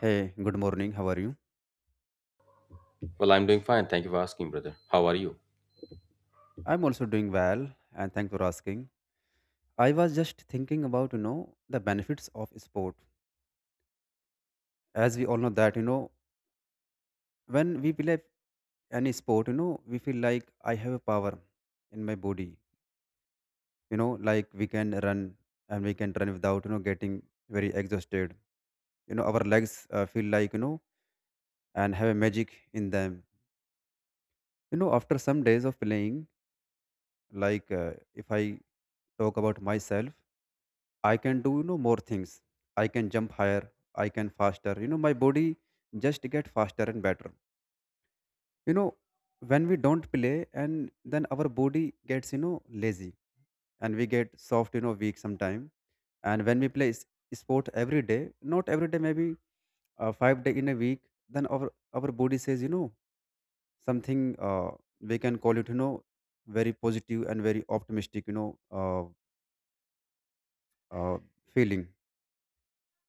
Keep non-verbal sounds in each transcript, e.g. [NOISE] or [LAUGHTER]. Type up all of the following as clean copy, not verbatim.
Hey, good morning. How are you? Well, I'm doing fine. Thank you for asking, brother. How are you? I'm also doing well, and thanks for asking. I was just thinking about the benefits of sport. As we all know that when we play any sport we feel like I have a power in my body. Like we can run and we can run without getting very exhausted. Our legs feel like and have a magic in them. After some days of playing, like if I talk about myself, I can do more things. I can jump higher. I can faster. My body just get faster and better. You know, when we don't play and then our body gets lazy and we get soft weak sometime. And when we play sport every day, not every day, maybe 5 day in a week, then our body says something we can call it very positive and very optimistic, uh, feeling,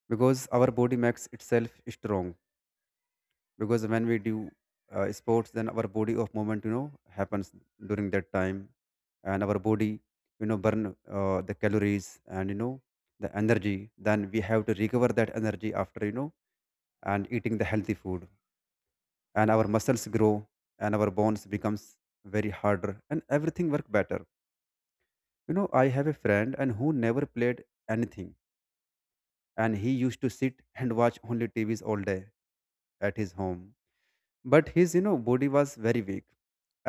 because our body makes itself strong because when we do sports, then our body of movement happens during that time. And our body burn the calories and the energy, then we have to recover that energy after, and eating the healthy food, and our muscles grow and our bones becomes very harder and everything work better. I have a friend and who never played anything, and he used to sit and watch only tvs all day at his home. But his body was very weak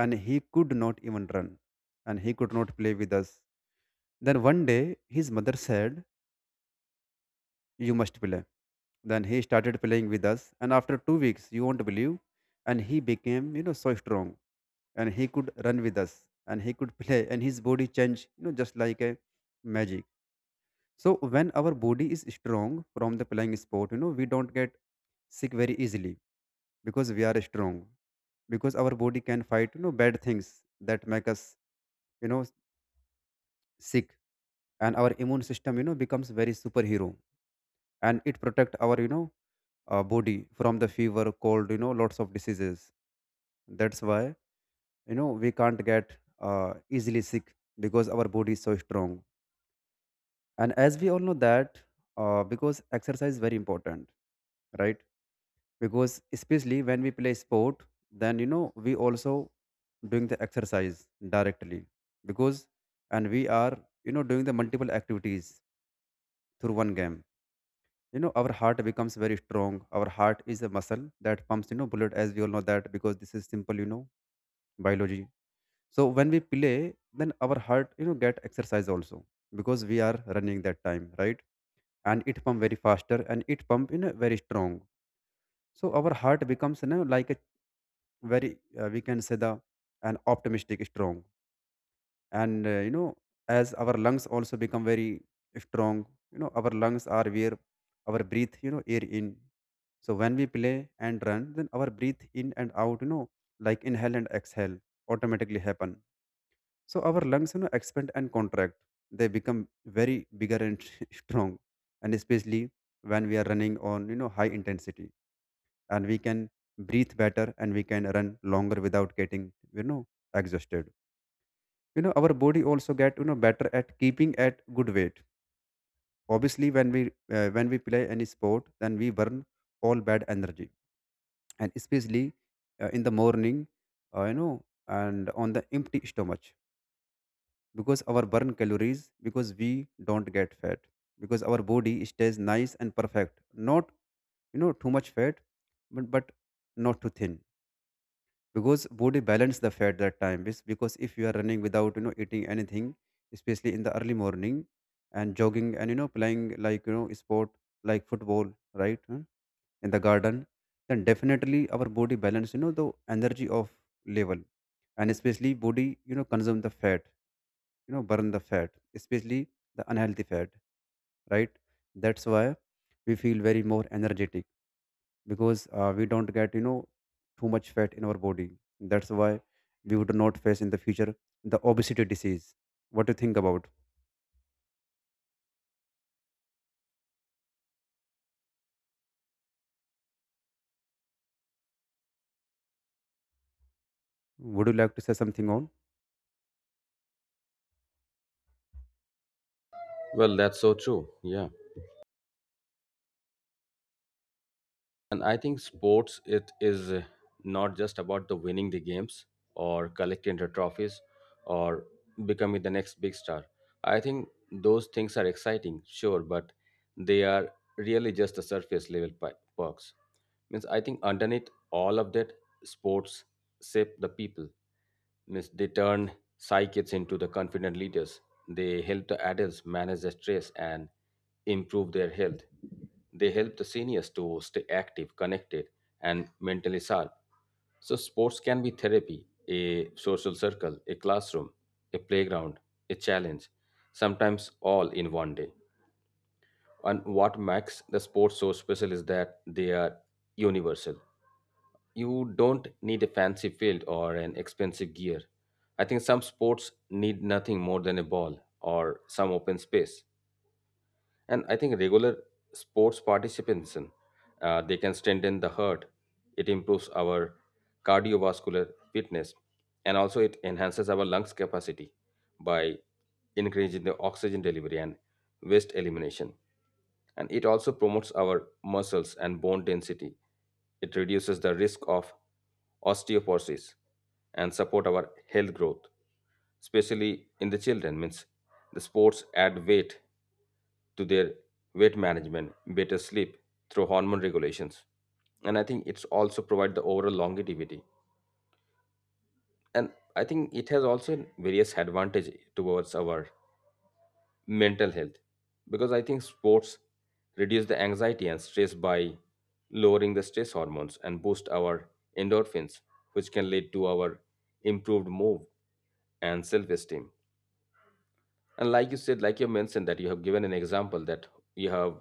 and he could not even run and he could not play with us. Then one day his mother said, you must play. Then he started playing with us, and after 2 weeks you won't believe, and he became so strong, and he could run with us, and he could [LAUGHS] play, and his body changed, just like a magic. So when our body is strong from the playing sport, we don't get sick very easily because we are strong, because our body can fight bad things that make us, you know sick. And our immune system becomes very superhero, and it protect our body from the fever, cold, lots of diseases. That's why we can't get easily sick because our body is so strong. And as we all know that, because exercise is very important, right? Because especially when we play sport, then we also doing the exercise directly, because and we are doing the multiple activities through one game. Our heart becomes very strong. Our heart is a muscle that pumps blood, as we all know that, because this is simple, biology. So when we play, then our heart get exercise also because we are running that time, right? And it pump very faster, and it pump very strong. So our heart becomes like a very, we can say, the an optimistic strong. And as our lungs also become very strong. Our lungs are where our breathe, air in. So when we play and run, then our breathe in and out, like inhale and exhale, automatically happen. So our lungs expand and contract, they become very bigger and [LAUGHS] strong. And especially when we are running on high intensity, and we can breathe better and we can run longer without getting, you know exhausted. Our body also get better at keeping at good weight. Obviously when we when we play any sport, then we burn all bad energy. And especially in the morning, uh, you know and on the empty stomach, because our burn calories, because we don't get fat, because our body stays nice and perfect, not too much fat, but not too thin, because body balance the fat that time, because if you are running without, eating anything, especially in the early morning, and jogging and playing like sport, like football, right? In the garden, then definitely our body balance the energy of level. And especially body consume the fat, burn the fat, especially the unhealthy fat, right? That's why we feel very more energetic because, we don't get too much fat in our body. That's why we would not face in the future the obesity disease. What do you think about? Would you like to say something on? Well, that's so true. Yeah. And I think sports it is not just about the winning the games or collecting the trophies or becoming the next big star. I think those things are exciting, sure, but they are really just the surface level perks. Means I think underneath all of that, sports shape the people. Means they turn psychics into the confident leaders. They help the adults manage their stress and improve their health. They help the seniors to stay active, connected, and mentally sharp. So, sports can be therapy, a social circle, a classroom, a playground, a challenge, sometimes all in one day. And what makes the sports so special is that they are universal. You don't need a fancy field or an expensive gear. I think some sports need nothing more than a ball or some open space. And I think regular sports participation, they can strengthen the heart. It improves our cardiovascular fitness, and also it enhances our lungs capacity by increasing the oxygen delivery and waste elimination. And it also promotes our muscles and bone density. It reduces the risk of osteoporosis and support our health growth especially in the children means the sports add weight to their weight management, better sleep through hormone regulations. And I think it's also provide the overall longevity. And I think it has also various advantage towards our mental health because I think sports reduce the anxiety and stress by lowering the stress hormones and boost our endorphins, which can lead to our improved mood and self-esteem. And like you said, like you mentioned that you have given an example that you have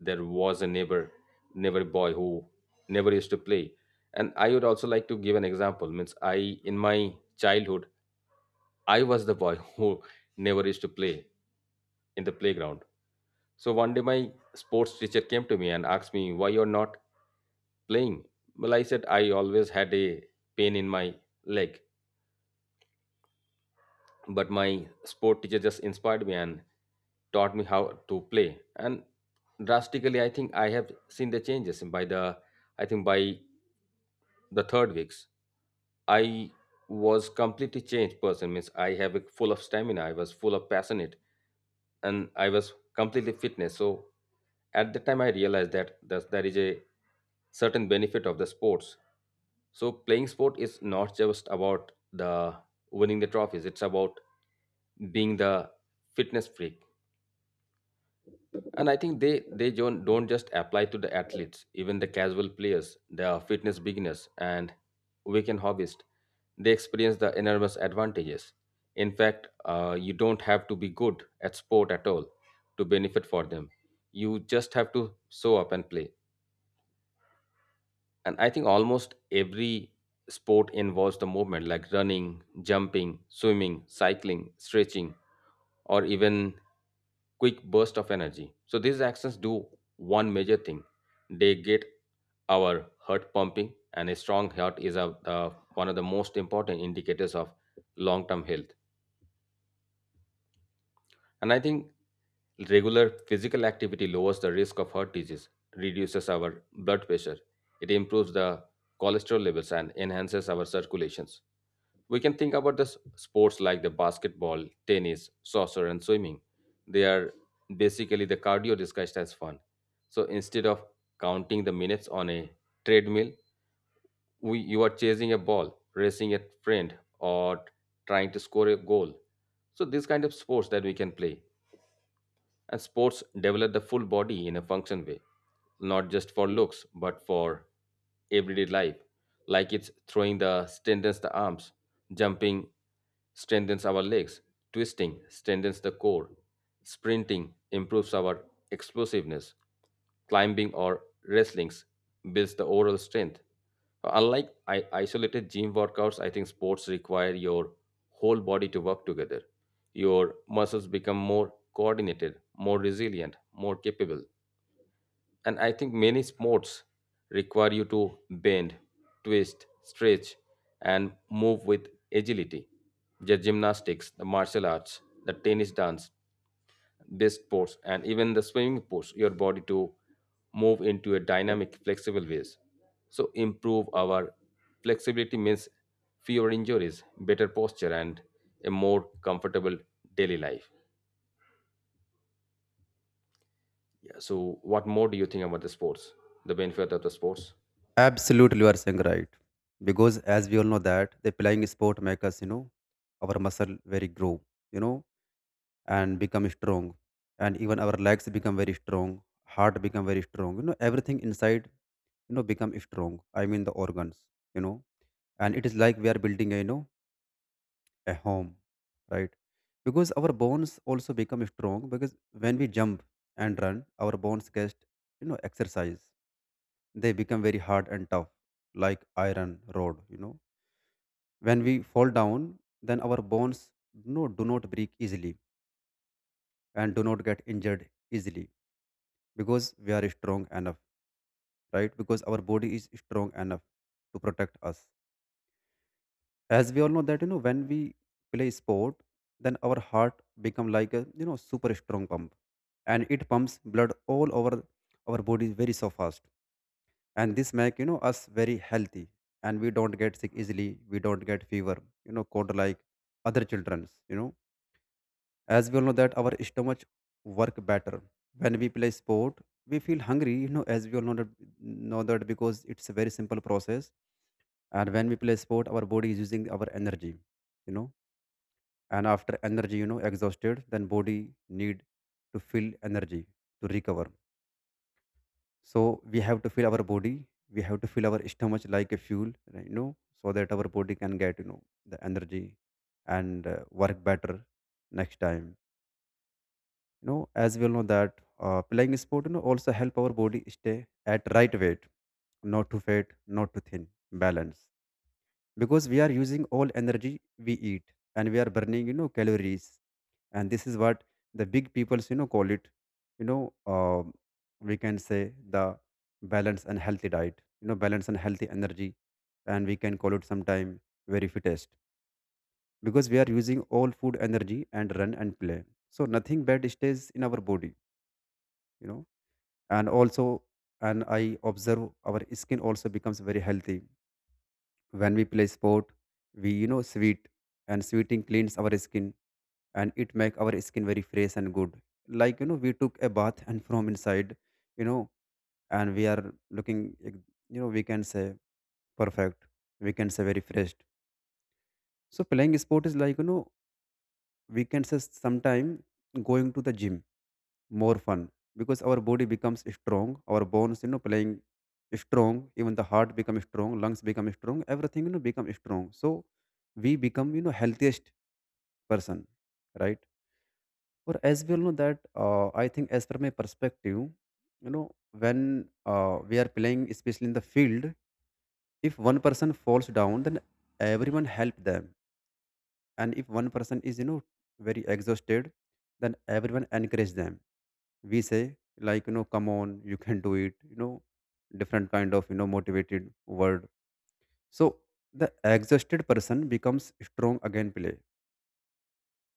there was a neighbor boy who never used to play. And I would also like to give an example. Means I in my childhood, I was the boy [LAUGHS] who never used to play in the playground. So one day my sports teacher came to me and asked me why you're not playing. Well, I said I always had a pain in my leg. But my sport teacher just inspired me and taught me how to play, and drastically I think I have seen the changes. And by the I think by the third weeks I was completely changed person, means I have a full of stamina, I was full of passionate, and I was completely fitness. So at the time I realized that there is a certain benefit of the sports. So playing sport is not just about the winning the trophies. It's about being the fitness freak. And I think they don't just apply to the athletes, even the casual players, the fitness beginners, and weekend hobbyists. They experience the enormous advantages. In fact, you don't have to be good at sport at all to benefit for them. You just have to show up and play. And I think almost every sport involves the movement like running, jumping, swimming, cycling, stretching, or even quick burst of energy. So these actions do one major thing: they get our heart pumping, and a strong heart is a, one of the most important indicators of long-term health. And I think regular physical activity lowers the risk of heart disease, reduces our blood pressure, it improves the cholesterol levels and enhances our circulations. We can think about the sports like the basketball, tennis, soccer, and swimming. They are basically the cardio disguised as fun. So instead of counting the minutes on a treadmill, we, you are chasing a ball, racing a friend, or trying to score a goal. So this kind of sports that we can play. And sports develop the full body in a function way, not just for looks, but for everyday life. Like it's throwing the strengthens the arms, jumping strengthens our legs, twisting strengthens the core, sprinting improves our explosiveness, climbing or wrestling builds the overall strength. So, unlike isolated gym workouts, I think sports require your whole body to work together. Your muscles become more coordinated, more resilient, more capable. And I think many sports require you to bend, twist, stretch, and move with agility. The gymnastics, the martial arts, the tennis dance, best pose and even the swimming pose your body to move into a dynamic flexible ways, so improve our flexibility means fewer injuries, better posture and a more comfortable daily life. Yeah, so what more do you think about the sports, the benefit of the sports? Absolutely, you are saying right. Because as we all know that the playing sport make us, our muscle very grow, you know and become strong, and even our legs become very strong, heart become very strong, everything inside become strong. I mean, the organs, you know and it is like we are building a, a home, right? Because our bones also become strong because when we jump and run, our bones get, exercise. They become very hard and tough, like iron rod. When we fall down, then our bones, do not break easily and do not get injured easily because we are strong enough, right? Because our body is strong enough to protect us. As we all know that, when we play sport, then our heart become like a, super strong pump. And it pumps blood all over our body very so fast, and this make, us very healthy. And we don't get sick easily, we don't get fever, cold, like other children's. As we all know that our stomach work better. When we play sport we feel hungry, as we all know that, because it's a very simple process. And when we play sport our body is using our energy, you know and after energy exhausted, then body need to feel energy to recover. So we have to fill our body, we have to fill our stomach like a fuel, right, so that our body can get the energy and work better next time. As we all know that, playing sport also help our body stay at right weight, not too fat, not too thin, balance. Because we are using all energy we eat and we are burning calories. And this is what the big peoples call it, you know um we can say, the balance and healthy diet, balance and healthy energy. And we can call it sometime very fittest, because we are using all food energy and run and play, so nothing bad stays in our body. You know and also, and I observe our skin also becomes very healthy. When we play sport we, sweat, and sweating cleans our skin, and it make our skin very fresh and good, like, we took a bath and from inside, you know and we are looking like, we can say, perfect, we can say very fresh. So playing sport is like, we can say sometime, going to the gym, more fun, because our body becomes strong, our bones, playing strong, even the heart becomes strong, lungs become strong, everything, become strong. So we become, healthiest person, right? Or as well know that I think as per my perspective, you know, when we are playing, especially in the field, if one person falls down, then everyone help them. And if one person is, you know, very exhausted, then everyone encourage them. We say like, you know, come on, you can do it, you know, different kind of, you know, motivated word. So the exhausted person becomes strong again play,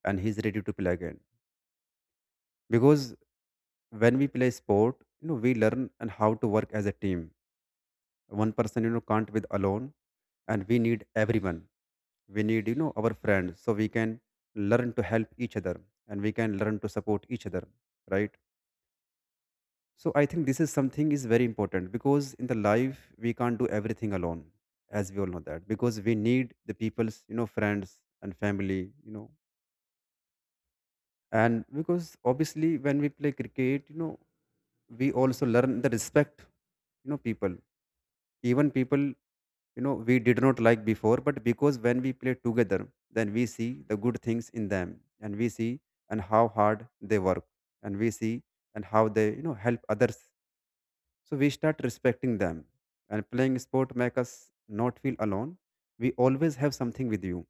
and he's ready to play again. Because when we play sport, you know, we learn and how to work as a team. One person, you know, can't with alone, and we need everyone. We need, you know, our friends, so we can learn to help each other, and we can learn to support each other, right? So I think this is something is very important, because in the life we can't do everything alone, as we all know that, because we need the people's, you know, friends and family, you know. And because obviously when we play cricket, you know, we also learn the respect, you know, people. Even people, you know, we did not like before, but because when we play together, then we see the good things in them, and we see and how hard they work, and we see and how they, you know, help others. So we start respecting them, and playing sport make us not feel alone. We always have something with you,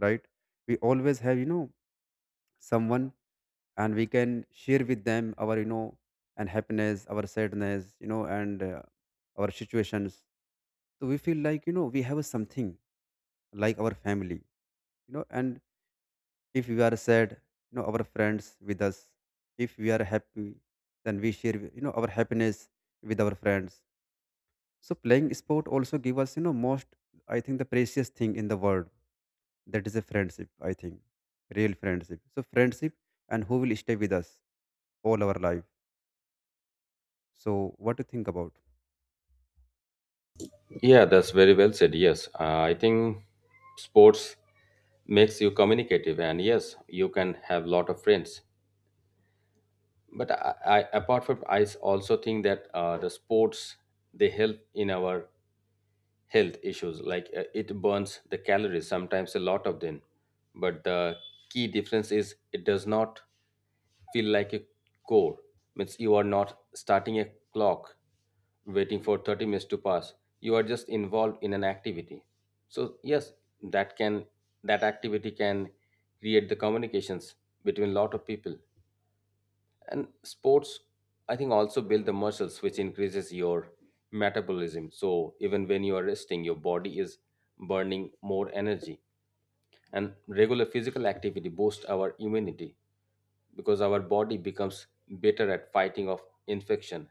right? We always have, you know, someone, and we can share with them our, you know, and happiness, our sadness, you know, and our situations. So we feel like, you know, we have something like our family, you know. And if we are sad, you know, our friends with us. If we are happy, then we share, you know, our happiness with our friends. So playing sport also give us, you know, most, I think, the precious thing in the world, that is a friendship, I think, real friendship. So friendship, and who will stay with us all our life. So, what do you think about? Yeah, that's very well said. Yes. I think sports makes you communicative and yes you can have lot of friends, but I apart from also think that the sports they help in our health issues like it burns the calories sometimes a lot of them, but the key difference is it does not feel like a core. Means you are not starting a clock waiting for 30 minutes to pass. You are just involved in an activity. So yes, that can that activity can create the communications between lot of people. And sports I think also build the muscles which increases your metabolism, so even when you are resting your body is burning more energy. And regular physical activity boosts our immunity because our body becomes better at fighting off infection,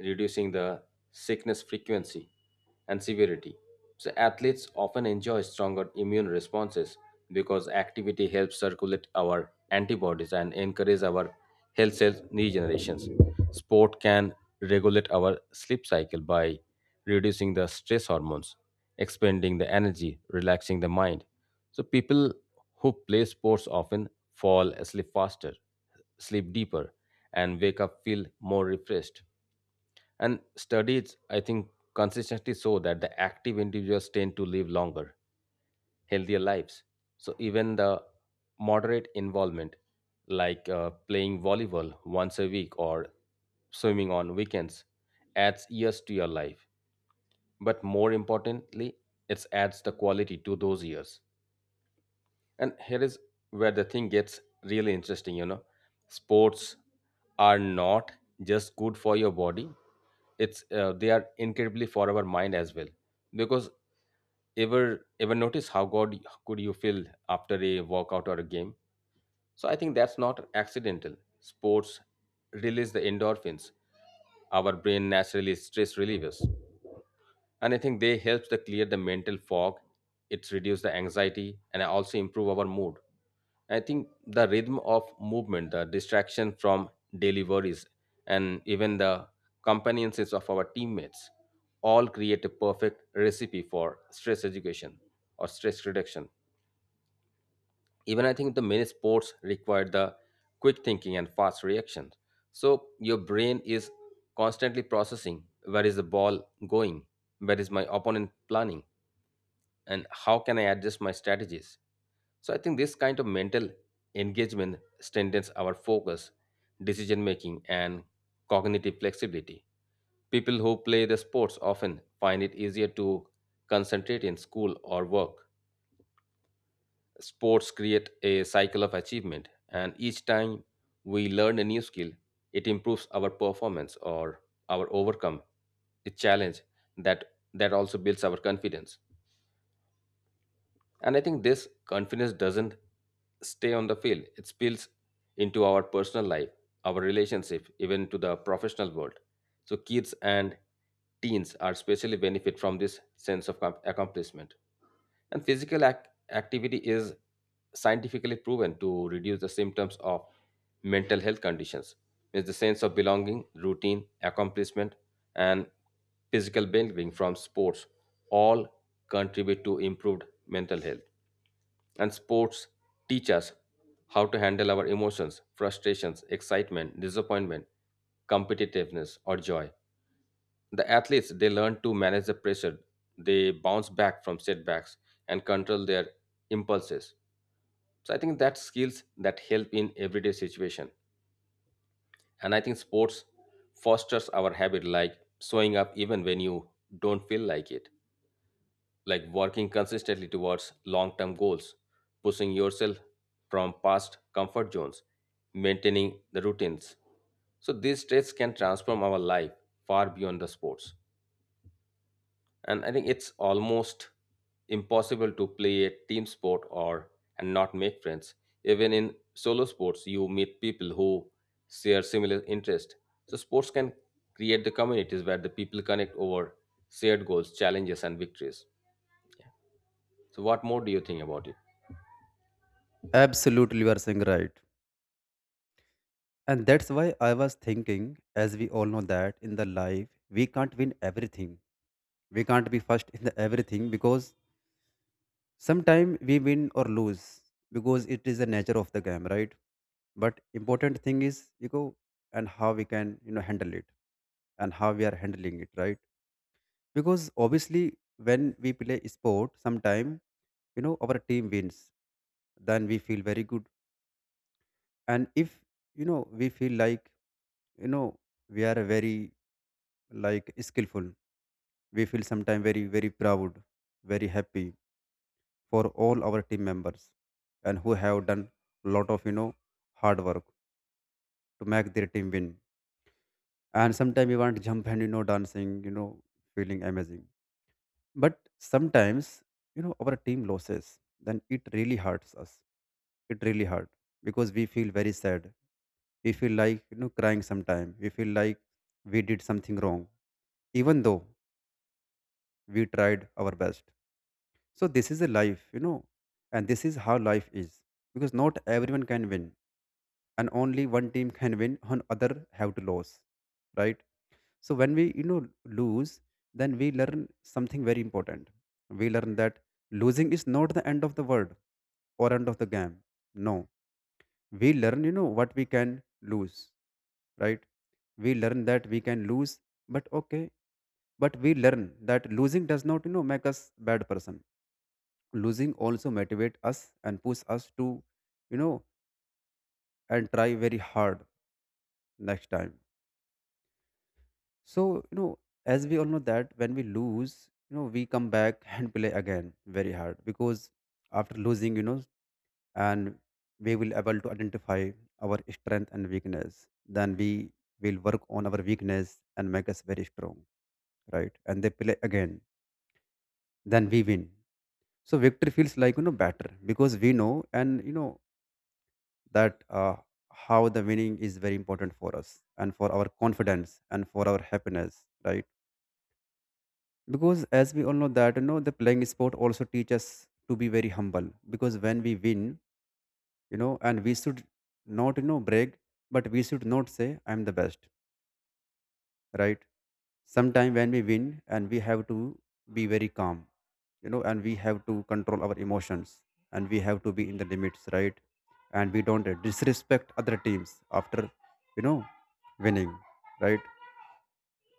reducing the sickness frequency and severity. So athletes often enjoy stronger immune responses because activity helps circulate our antibodies and encourage our health cell regenerations. Sport can regulate our sleep cycle by reducing the stress hormones, expanding the energy, relaxing the mind. So people who play sports often fall asleep faster, sleep deeper, and wake up feel more refreshed. And studies, I think, consistently show that the active individuals tend to live longer, healthier lives. So even the moderate involvement, like playing volleyball once a week or swimming on weekends, adds years to your life. But more importantly, it adds the quality to those years. And here is where the thing gets really interesting, you know. Sports are not just good for your body, it's they are incredibly for our mind as well. Because ever notice how good could you feel after a workout or a game? So I think that's not accidental. Sports release the endorphins, our brain naturally stress relievers, and I think they helps to clear the mental fog, it's reduce the anxiety and also improve our mood. I think the rhythm of movement, the distraction from daily worries and even the companionships of our teammates all create a perfect recipe for stress education or stress reduction. Even I think the many sports require the quick thinking and fast reaction. So your brain is constantly processing where is the ball going, where is my opponent planning, and how can I adjust my strategies. So I think this kind of mental engagement strengthens our focus, decision making and cognitive flexibility. People who play the sports often find it easier to concentrate in school or work. Sports create a cycle of achievement, and each time we learn a new skill, it improves our performance or our overcome a challenge, that that also builds our confidence. And I think this confidence doesn't stay on the field, it spills into our personal life, our relationship, even to the professional world. So, kids and teens are especially benefit from this sense of accomplishment. And physical activity is scientifically proven to reduce the symptoms of mental health conditions. It's the sense of belonging, routine, accomplishment, and physical well-being from sports all contribute to improved mental health. And sports teach us how to handle our emotions, frustrations, excitement, disappointment, competitiveness, or joy. The athletes they learn to manage the pressure, they bounce back from setbacks and control their impulses. So I think that's skills that help in everyday situation. And I think sports fosters our habit like showing up even when you don't feel like it. Like working consistently towards long term goals, pushing yourself from past comfort zones, maintaining the routines. So these traits can transform our life far beyond the sports. And I think it's almost impossible to play a team sport or and not make friends. Even in solo sports, you meet people who share similar interests. So sports can create the communities where the people connect over shared goals, challenges, and victories. Yeah. So, what more do you think about it? Absolutely, you are saying right. And that's why I was thinking, as we all know that in the life, we can't win everything. We can't be first in the everything, because sometimes we win or lose, because it is the nature of the game, right? But important thing is, you go and how we can, you know, handle it, and how we are handling it, right? Because obviously, when we play sport, sometime, you know, our team wins, then we feel very good. And if, you know, we feel like, you know, we are very like skillful, we feel sometimes very, very proud, very happy for all our team members, and who have done lot of, you know, hard work to make their team win. And sometimes we want to jump and, you know, dancing, you know, feeling amazing. But sometimes, you know, our team loses, then it really hurts us. It really hurt because we feel very sad. We feel like, you know, crying sometime. We feel like we did something wrong, even though we tried our best. So this is a life, you know, and this is how life is, because not everyone can win, and only one team can win and other have to lose, right? So when we, you know, lose, then we learn something very important. We learn that losing is not the end of the world or end of the game. No, we learn, you know, what we can lose, right? We learn that we can lose, but okay, but we learn that losing does not, you know, make us bad person. Losing also motivate us and push us to, you know, and try very hard next time. So, you know, as we all know that when we lose, you know, we come back [LAUGHS] and play again very hard, because after losing, you know, and we will able to identify our strength and weakness. Then we will work on our weakness and make us very strong, right? And they play again. Then we win. So victory feels like, you know, better, because we know and you know that how the winning is very important for us and for our confidence and for our happiness, right? Because as we all know that, you know, the playing sport also teach us to be very humble. Because when we win, you know, and we should not, you know, brag, but we should not say I'm the best, right? Sometime when we win, and we have to be very calm, you know, and we have to control our emotions, and we have to be in the limits, right? And we don't disrespect other teams after, you know, winning, right?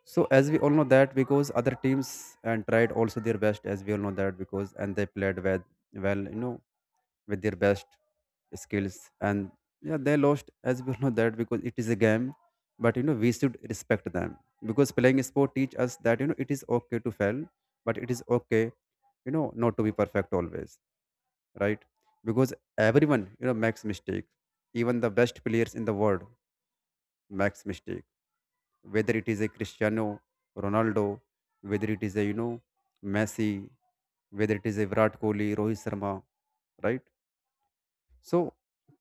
So as we all know that, because other teams and tried also their best, as we all know that, because and they played with, well, you know, with their best skills, and yeah, they lost, as we all know that, because it is a game. But you know, we should respect them, because playing sport teach us that, you know, it is okay to fail, but it is okay, you know, not to be perfect always, right? Because everyone, you know, makes mistake. Even the best players in the world makes mistake, whether it is a Cristiano Ronaldo, whether it is a, you know, Messi, whether it is a Virat Kohli, Rohit Sharma, right? So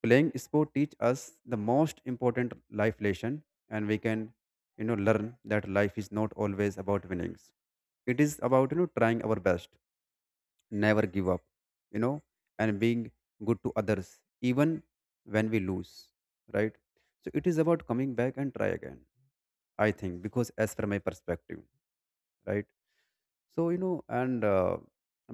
playing sport teach us the most important life lesson, and we can, you know, learn that life is not always about winnings. It is about, you know, trying our best, never give up, you know, and being good to others even when we lose, right? So it is about coming back and try again. I think because as per my perspective, right? So, you know, and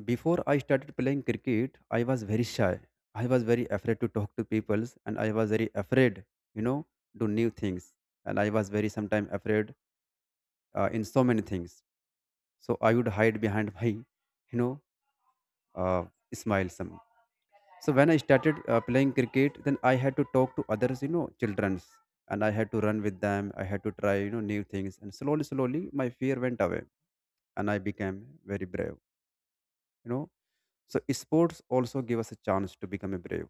before I started playing cricket, I was very shy. I was very afraid to talk to people, and I was very afraid, you know, do new things. And I was very sometimes afraid in so many things. So I would hide behind [LAUGHS] my, you know, uh, smile some. So when I started playing cricket, then I had to talk to others, you know, childrens, and I had to run with them. I had to try, you know, new things. And slowly, slowly, my fear went away, and I became very brave, you know. So sports also give us a chance to become a brave.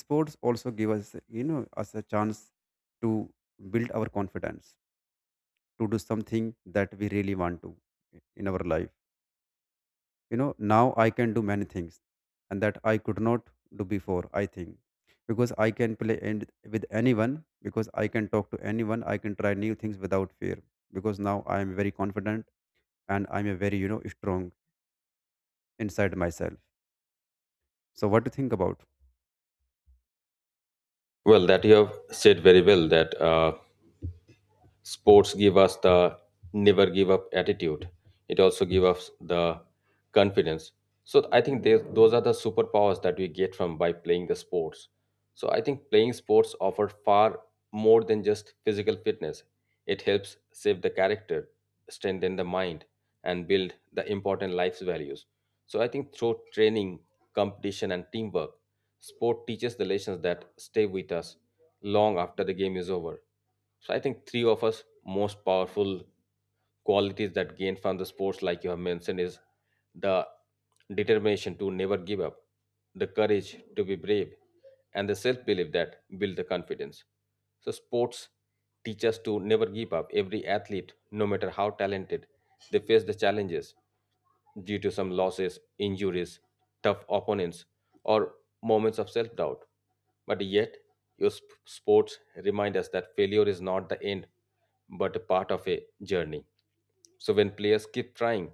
Sports also give us, you know, us a chance to build our confidence, to do something that we really want to in our life. You know, now I can do many things, and that I could not do before, I think, because I can play and with anyone, because I can talk to anyone, I can try new things without fear, because now I am very confident, and I'm a very, you know, strong inside myself. So what do you think about? Well, that you have said very well that. Sports give us the never give up attitude, it also give us the confidence. So I think those are the superpowers that we get from by playing the sports. So I think playing sports offer far more than just physical fitness. It helps save the character, strengthen the mind and build the important life's values. So I think through training, competition and teamwork, sport teaches the lessons that stay with us long after the game is over. So I think three of us most powerful qualities that gain from the sports, like you have mentioned, is the determination to never give up, the courage to be brave, and the self-belief that build the confidence. So sports teach us to never give up. Every athlete, no matter how talented, they face the challenges due to some losses, injuries, tough opponents, or moments of self doubt. But yet, your sports remind us that failure is not the end, but a part of a journey. So when players keep trying,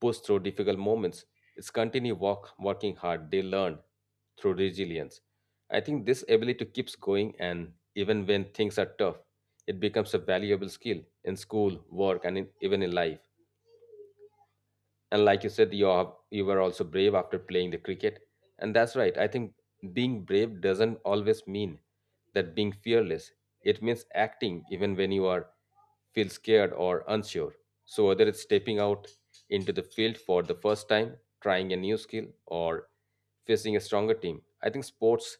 push through difficult moments, it's continue work, working hard. They learn through resilience. I think this ability keeps going, and even when things are tough, it becomes a valuable skill in school, work, and in, even in life. And like you said, you were also brave after playing the cricket. And that's right. I think being brave doesn't always mean that being fearless. It means acting even when you are feel scared or unsure. So whether it's stepping out into the field for the first time, trying a new skill or facing a stronger team, I think sports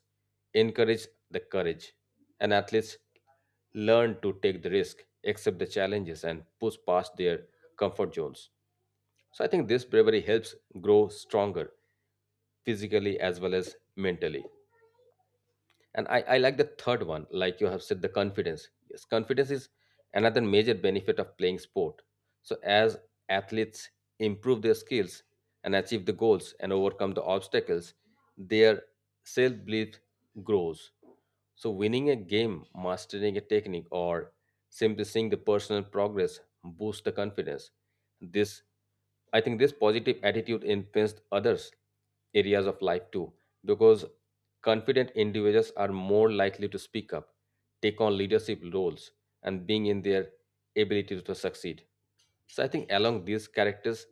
encourage the courage. And athletes learn to take the risk, accept the challenges and push past their comfort zones. So I think this bravery helps grow stronger physically as well as mentally. And I like the third one like you have said the confidence. Yes, confidence is another major benefit of playing sport. So as athletes improve their skills and achieve the goals and overcome the obstacles, their self-belief grows. So winning a game, mastering a technique or simply seeing the personal progress boosts the confidence. This I think this positive attitude influenced others areas of life too, because confident individuals are more likely to speak up, take on leadership roles, and being in their ability to succeed. So I think along these characters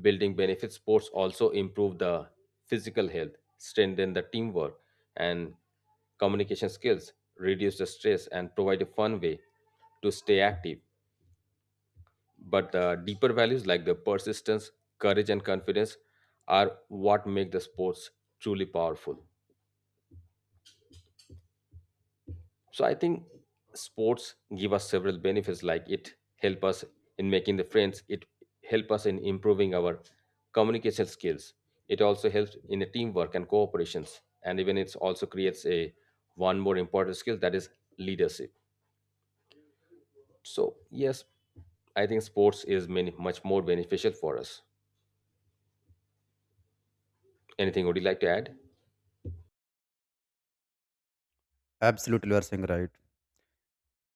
building benefits, sports also improve the physical health, strengthen the teamwork and communication skills, reduce the stress, and provide a fun way to stay active. But the deeper values like the persistence, courage, and confidence are what make the sports truly powerful. So I think sports give us several benefits like it help us in making the friends, it help us in improving our communication skills. It also helps in the teamwork and cooperations. And even it also creates a one more important skill that is leadership. So yes, I think sports is many much more beneficial for us. Anything would you like to add? Absolutely, you are saying right.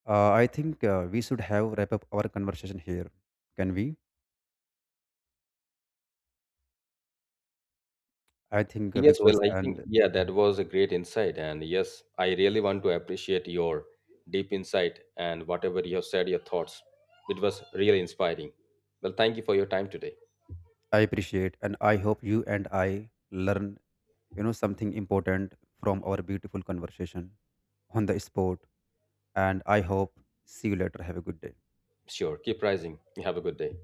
I think we should have wrap up our conversation here. Can we? I think Yes, well, because I think, and yeah, that was a great insight. And yes, I really want to appreciate your deep insight and whatever you have said, your thoughts. It was really inspiring. Well, thank you for your time today. I appreciate, and I hope you and I learn, you know, something important from our beautiful conversation on the spot. And I hope see you later. Have a good day. Sure. Keep rising. You have a good day.